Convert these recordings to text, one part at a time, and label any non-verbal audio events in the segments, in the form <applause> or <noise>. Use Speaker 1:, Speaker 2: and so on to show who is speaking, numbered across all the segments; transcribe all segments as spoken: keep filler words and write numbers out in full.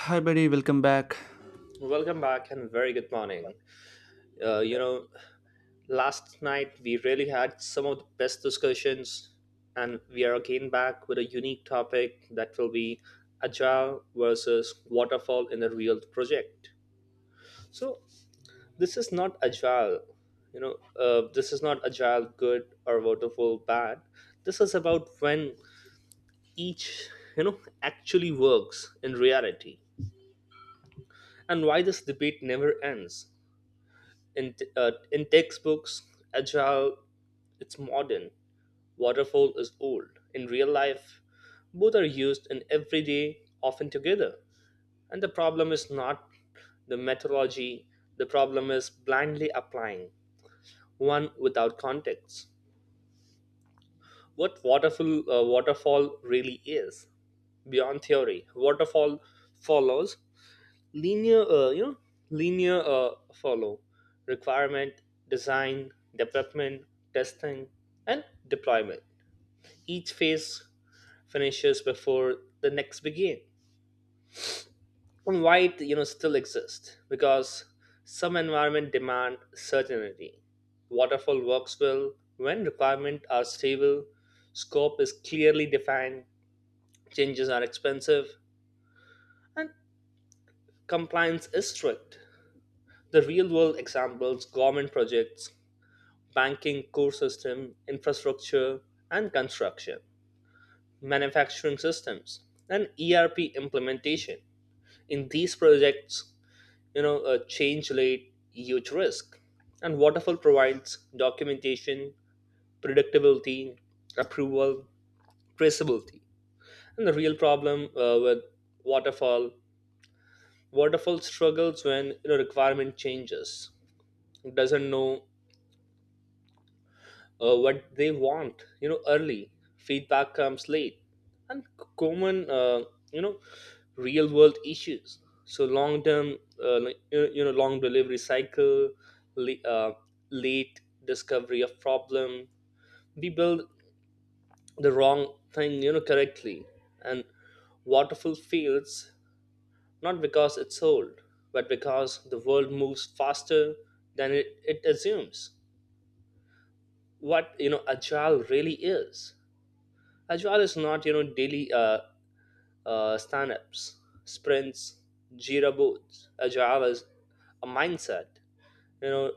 Speaker 1: Hi, buddy. Welcome back.
Speaker 2: Welcome back and very good morning. Uh, you know, Last night we really had some of the best discussions, and we are again back with a unique topic that will be agile versus waterfall in a real project. So, this is not agile, you know, uh, this is not agile good or waterfall bad. This is about when each, you know, actually works in reality, and why this debate never ends. In, t- uh, in textbooks, agile it's modern, waterfall is old. In real life, both are used in everyday, often together. And the problem is not the methodology, the problem is blindly applying one without context. What waterfall, uh, waterfall really is, beyond theory, waterfall follows linear uh, you know linear uh, follow requirement, design, development, testing, and deployment. Each phase finishes before the next begin. And why it you know still exists, because some environment demand certainty. Waterfall works well when requirements are stable, scope is clearly defined, changes are expensive, and compliance is strict. The real world examples: government projects, banking core system, infrastructure and construction, manufacturing systems, and E R P implementation. In these projects, you know, a change laid huge risk. And waterfall provides documentation, predictability, approval, traceability. And the real problem uh, with waterfall, Waterfall struggles when you know requirement changes. It doesn't know uh, what they want. You know early feedback comes late, and c- common uh, you know real world issues. So long term, uh, like, you you know long delivery cycle, le- uh, late discovery of problem. We build the wrong thing, you know correctly. And waterfall fails not because it's old, but because the world moves faster than it, it assumes. What you know agile really is: agile is not, you know, daily uh, uh, stand-ups, sprints, Jira boards. Agile is a mindset. You know,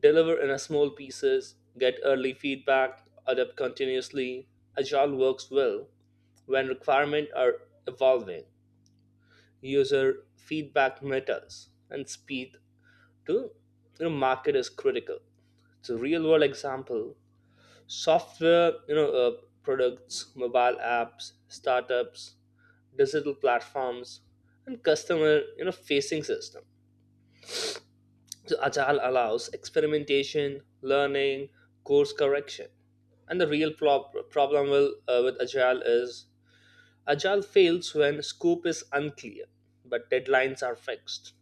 Speaker 2: deliver in a small pieces, get early feedback, adapt continuously. Agile works well when requirements are evolving, user feedback matters, and speed to you know, market is critical. It's a real-world example: software, you know uh, products, mobile apps, startups, digital platforms, and customer, you know facing system. So agile allows experimentation, learning, course correction. And the real prob- problem will, uh, with agile is agile fails when scope is unclear but deadlines are fixed,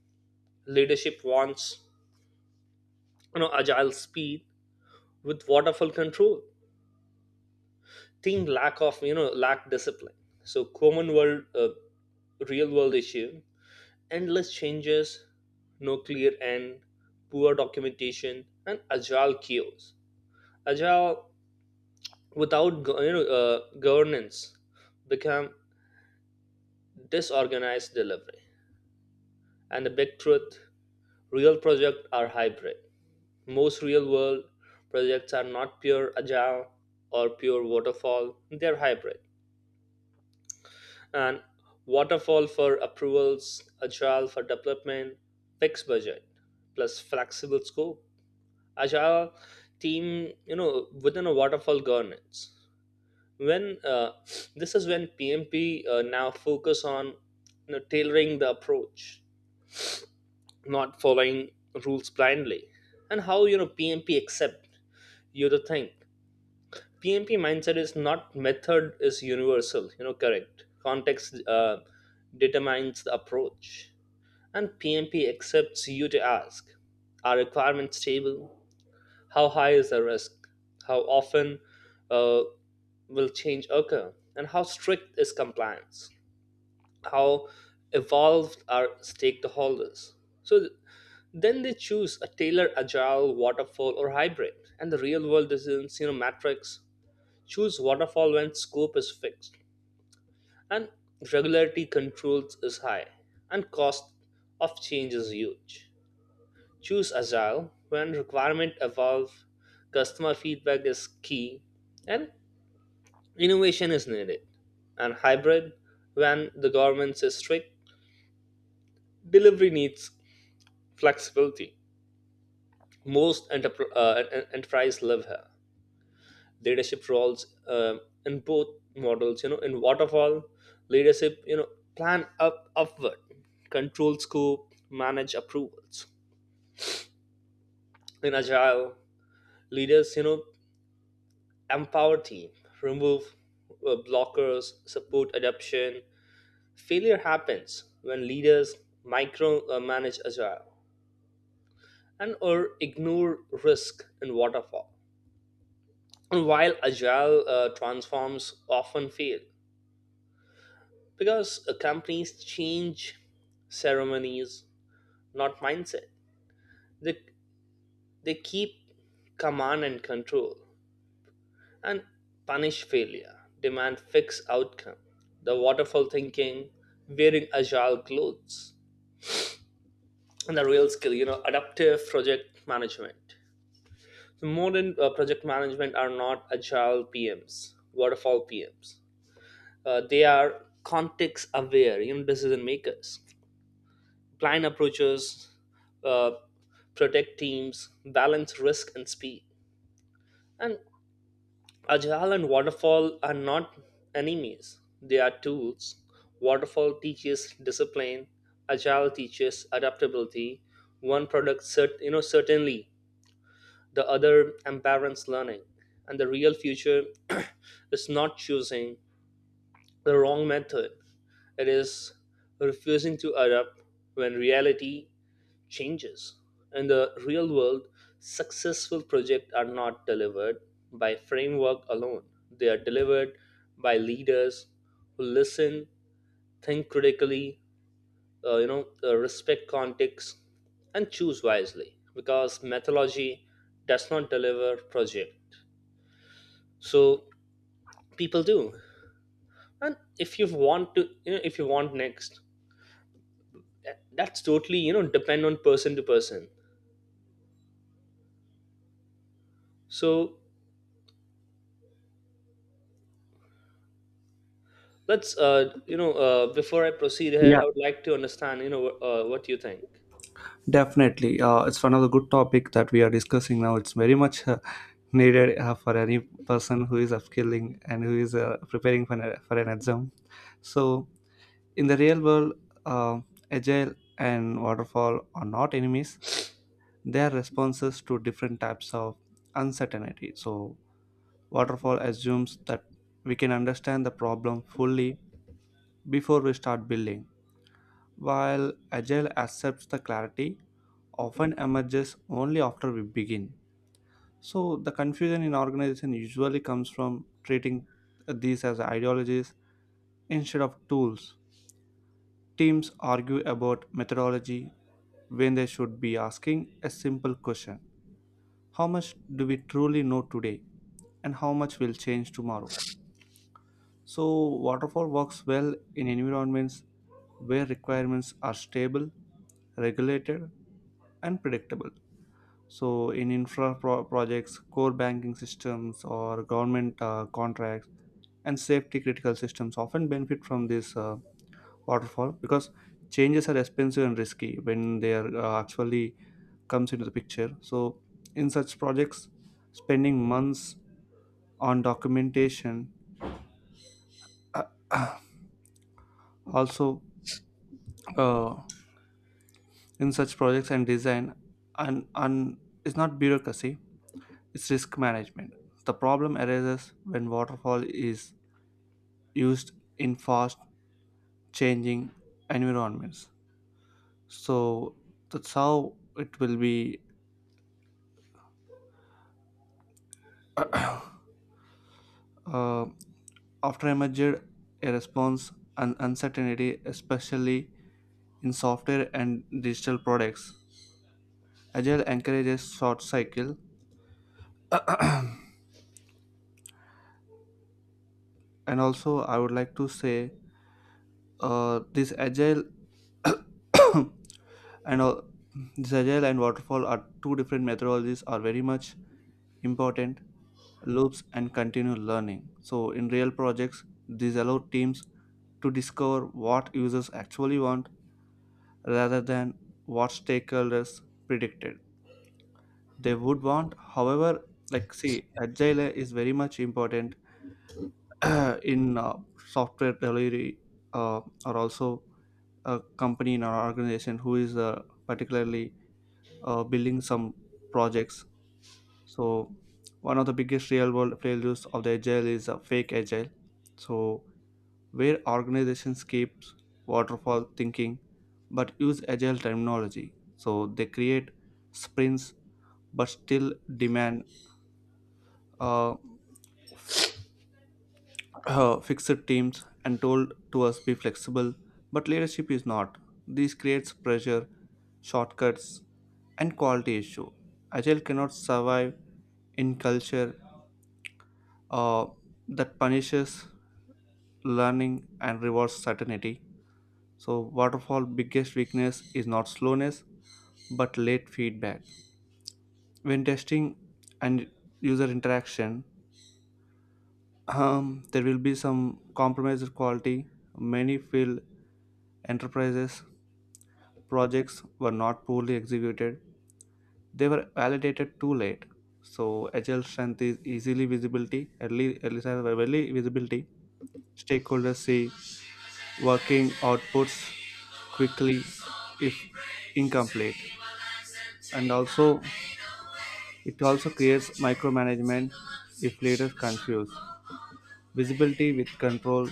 Speaker 2: leadership wants, you know agile speed with waterfall control thing, lack of, you know lack discipline. So common world, uh, real world issue: endless changes, no clear end, poor documentation, and agile chaos. Agile without go- you know, uh, governance become disorganized delivery. And the big truth: real projects are hybrid. Most real world projects are not pure agile or pure waterfall, they're hybrid. And waterfall for approvals, agile for development, fixed budget plus flexible scope, agile team, you know, within a waterfall governance. When uh, This is when P M P uh, now focus on, you know, tailoring the approach, not following rules blindly, and how, you know P M P accept you to think. P M P mindset is not method is universal. You know, correct context, uh, determines the approach. And P M P accepts you to ask: are requirements stable? How high is the risk? How often uh, will change occur? And how strict is compliance? How evolved are stakeholders? So th- then they choose a tailored agile, waterfall, or hybrid. And the real world decisions, you know, matrix. Choose waterfall when scope is fixed and regularity controls is high and cost of change is huge. Choose agile when requirement evolve, customer feedback is key, and innovation is needed. And hybrid when the governance is strict, delivery needs flexibility. Most enterpr- uh, en- enterprise live here. Leadership roles uh, in both models, you know, in waterfall leadership, you know, plan up upward, control scope, manage approvals. In agile, leaders, you know, empower team, remove uh, blockers, support adoption. Failure happens when leaders micromanage agile and or ignore risk in waterfall. And while agile uh, transforms often fail because uh, companies change ceremonies, not mindset. They, they keep command and control and punish failure, demand fixed outcome, the waterfall thinking, wearing agile clothes. And the real skill, you know, adaptive project management. So modern uh, project management are not agile P Ms, waterfall P Ms. Uh, they are context aware, you know, decision makers, blind approaches, uh, protect teams, balance risk and speed. And Ajal and waterfall are not enemies, they are tools. Waterfall teaches discipline, agile teaches adaptability. One product cert- you know certainly, the other embarrass learning. And the real future <clears throat> is not choosing the wrong method. It is refusing to adapt when reality changes. In the real world, successful projects are not delivered by framework alone. They are delivered by leaders who listen, think critically, uh, you know, uh, respect context, and choose wisely. Because methodology does not deliver project, so people do. And if you want to, you know, if you want next, that, that's totally, you know depend on person to person. So Let's, uh, you know, uh, before I proceed ahead,
Speaker 1: Yeah,
Speaker 2: I would like to understand, you know, uh, what you think.
Speaker 1: definitely, uh, it's one of the good topic that we are discussing now. It's very much uh, needed uh, for any person who is upskilling and who is uh, preparing for an, for an exam. So, in the real world, uh, agile and waterfall are not enemies. They are responses to different types of uncertainty. So, waterfall assumes that we can understand the problem fully before we start building, while agile accepts the clarity often emerges only after we begin. So the confusion in organization usually comes from treating these as ideologies instead of tools. Teams argue about methodology when they should be asking a simple question. How much do we truly know today? And how much will change tomorrow? So, waterfall works well in environments where requirements are stable, regulated, and predictable. So, in infra pro- projects, core banking systems, or government uh, contracts, and safety critical systems often benefit from this uh, waterfall because changes are expensive and risky when they are uh, actually comes into the picture. So, in such projects, spending months on documentation uh, also uh, in such projects and design and and it's not bureaucracy; it's risk management. The problem arises when waterfall is used in fast changing environments. So that's how it will be <coughs> <clears throat> uh, after emerged a response and uncertainty, especially in software and digital products. Agile encourages short cycle, <coughs> <clears throat> and also I would like to say uh, this agile <coughs> and all, this agile and waterfall are two different methodologies are very much important loops and continue learning. So, in real projects, these allow teams to discover what users actually want rather than what stakeholders predicted they would want. However, like see, agile is very much important <clears throat> in uh, software delivery uh, or also a company in our organization who is uh, particularly uh, building some projects. So, one of the biggest real world failures of the agile is uh, fake agile. So, where organizations keep waterfall thinking but use agile terminology. So they create sprints but still demand uh, <clears throat> fixed teams and told to us be flexible, but leadership is not. This creates pressure, shortcuts, and quality issue. Agile cannot survive in culture uh, that punishes learning and rewards certainty. So waterfall biggest weakness is not slowness but late feedback. When testing and user interaction, um, there will be some compromised quality. Many failed enterprises projects were not poorly executed. They were validated too late. So agile strength is easily visibility, early, early early visibility. Stakeholders see working outputs quickly if incomplete, and also it also creates micromanagement if leaders confuse visibility with control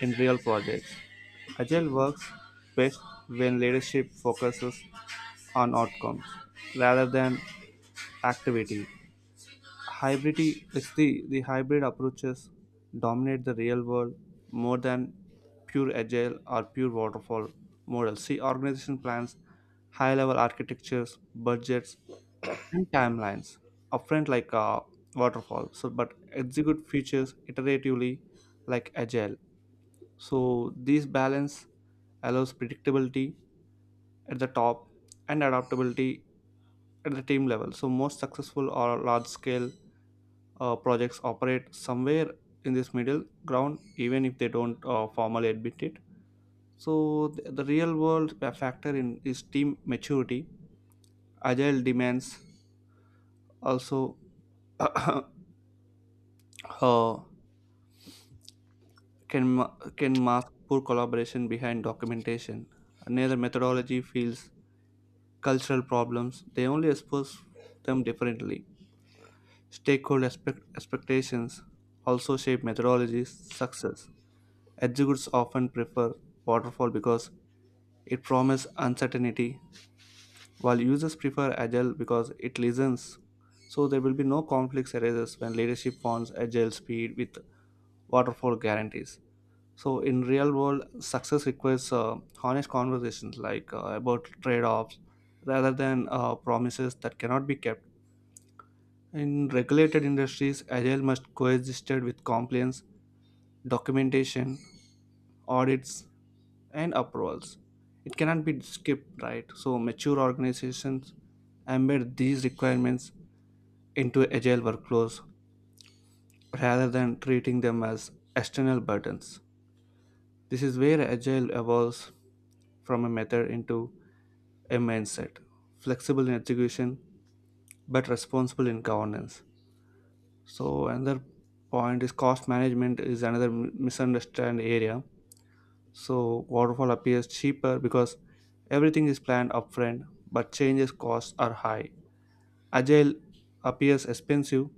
Speaker 1: in real projects. Agile works best when leadership focuses on outcomes rather than activity. Hybridity is the, the hybrid approaches dominate the real world more than pure agile or pure waterfall models. See organization plans, high level architectures, budgets, and timelines upfront like a waterfall, so but execute features iteratively like agile. So this balance allows predictability at the top and adaptability at the team level. So most successful or large scale uh, projects operate somewhere in this middle ground even if they don't uh, formally admit it. So th- the real world factor in is team maturity. Agile demands also <coughs> <clears throat> uh, can ma- can mask poor collaboration behind documentation. Neither methodology feels cultural problems; they only expose them differently. Stakeholder expect- expectations also shape methodologies' success. Executives often prefer waterfall because it promises uncertainty, while users prefer agile because it listens. So there will be no conflicts arises when leadership wants agile speed with waterfall guarantees. So in real world success requires uh, honest conversations like uh, about trade-offs rather than uh, promises that cannot be kept. In regulated industries agile must coexist with compliance, documentation, audits, and approvals. It cannot be skipped, right? So mature organizations embed these requirements into agile workflows rather than treating them as external burdens. This is where agile evolves from a method into a mindset, flexible in execution but responsible in governance. So another point is cost management is another mi- misunderstood area. So waterfall appears cheaper because everything is planned upfront, but changes costs are high. Agile appears expensive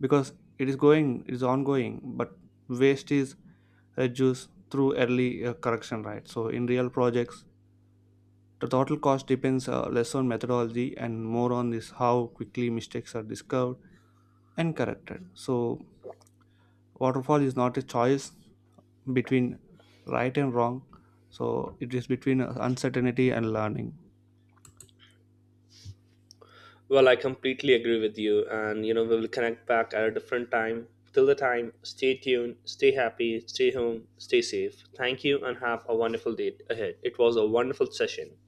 Speaker 1: because it is going it is ongoing, but waste is reduced through early uh, correction, right? So in real projects the total cost depends uh, less on methodology and more on this how quickly mistakes are discovered and corrected. So waterfall is not a choice between right and wrong. So it is between uh, uncertainty and learning.
Speaker 2: Well, I completely agree with you, and you know, we will connect back at a different time. Till the time, stay tuned, stay happy, stay home, stay safe. Thank you, and have a wonderful day ahead. It was a wonderful session.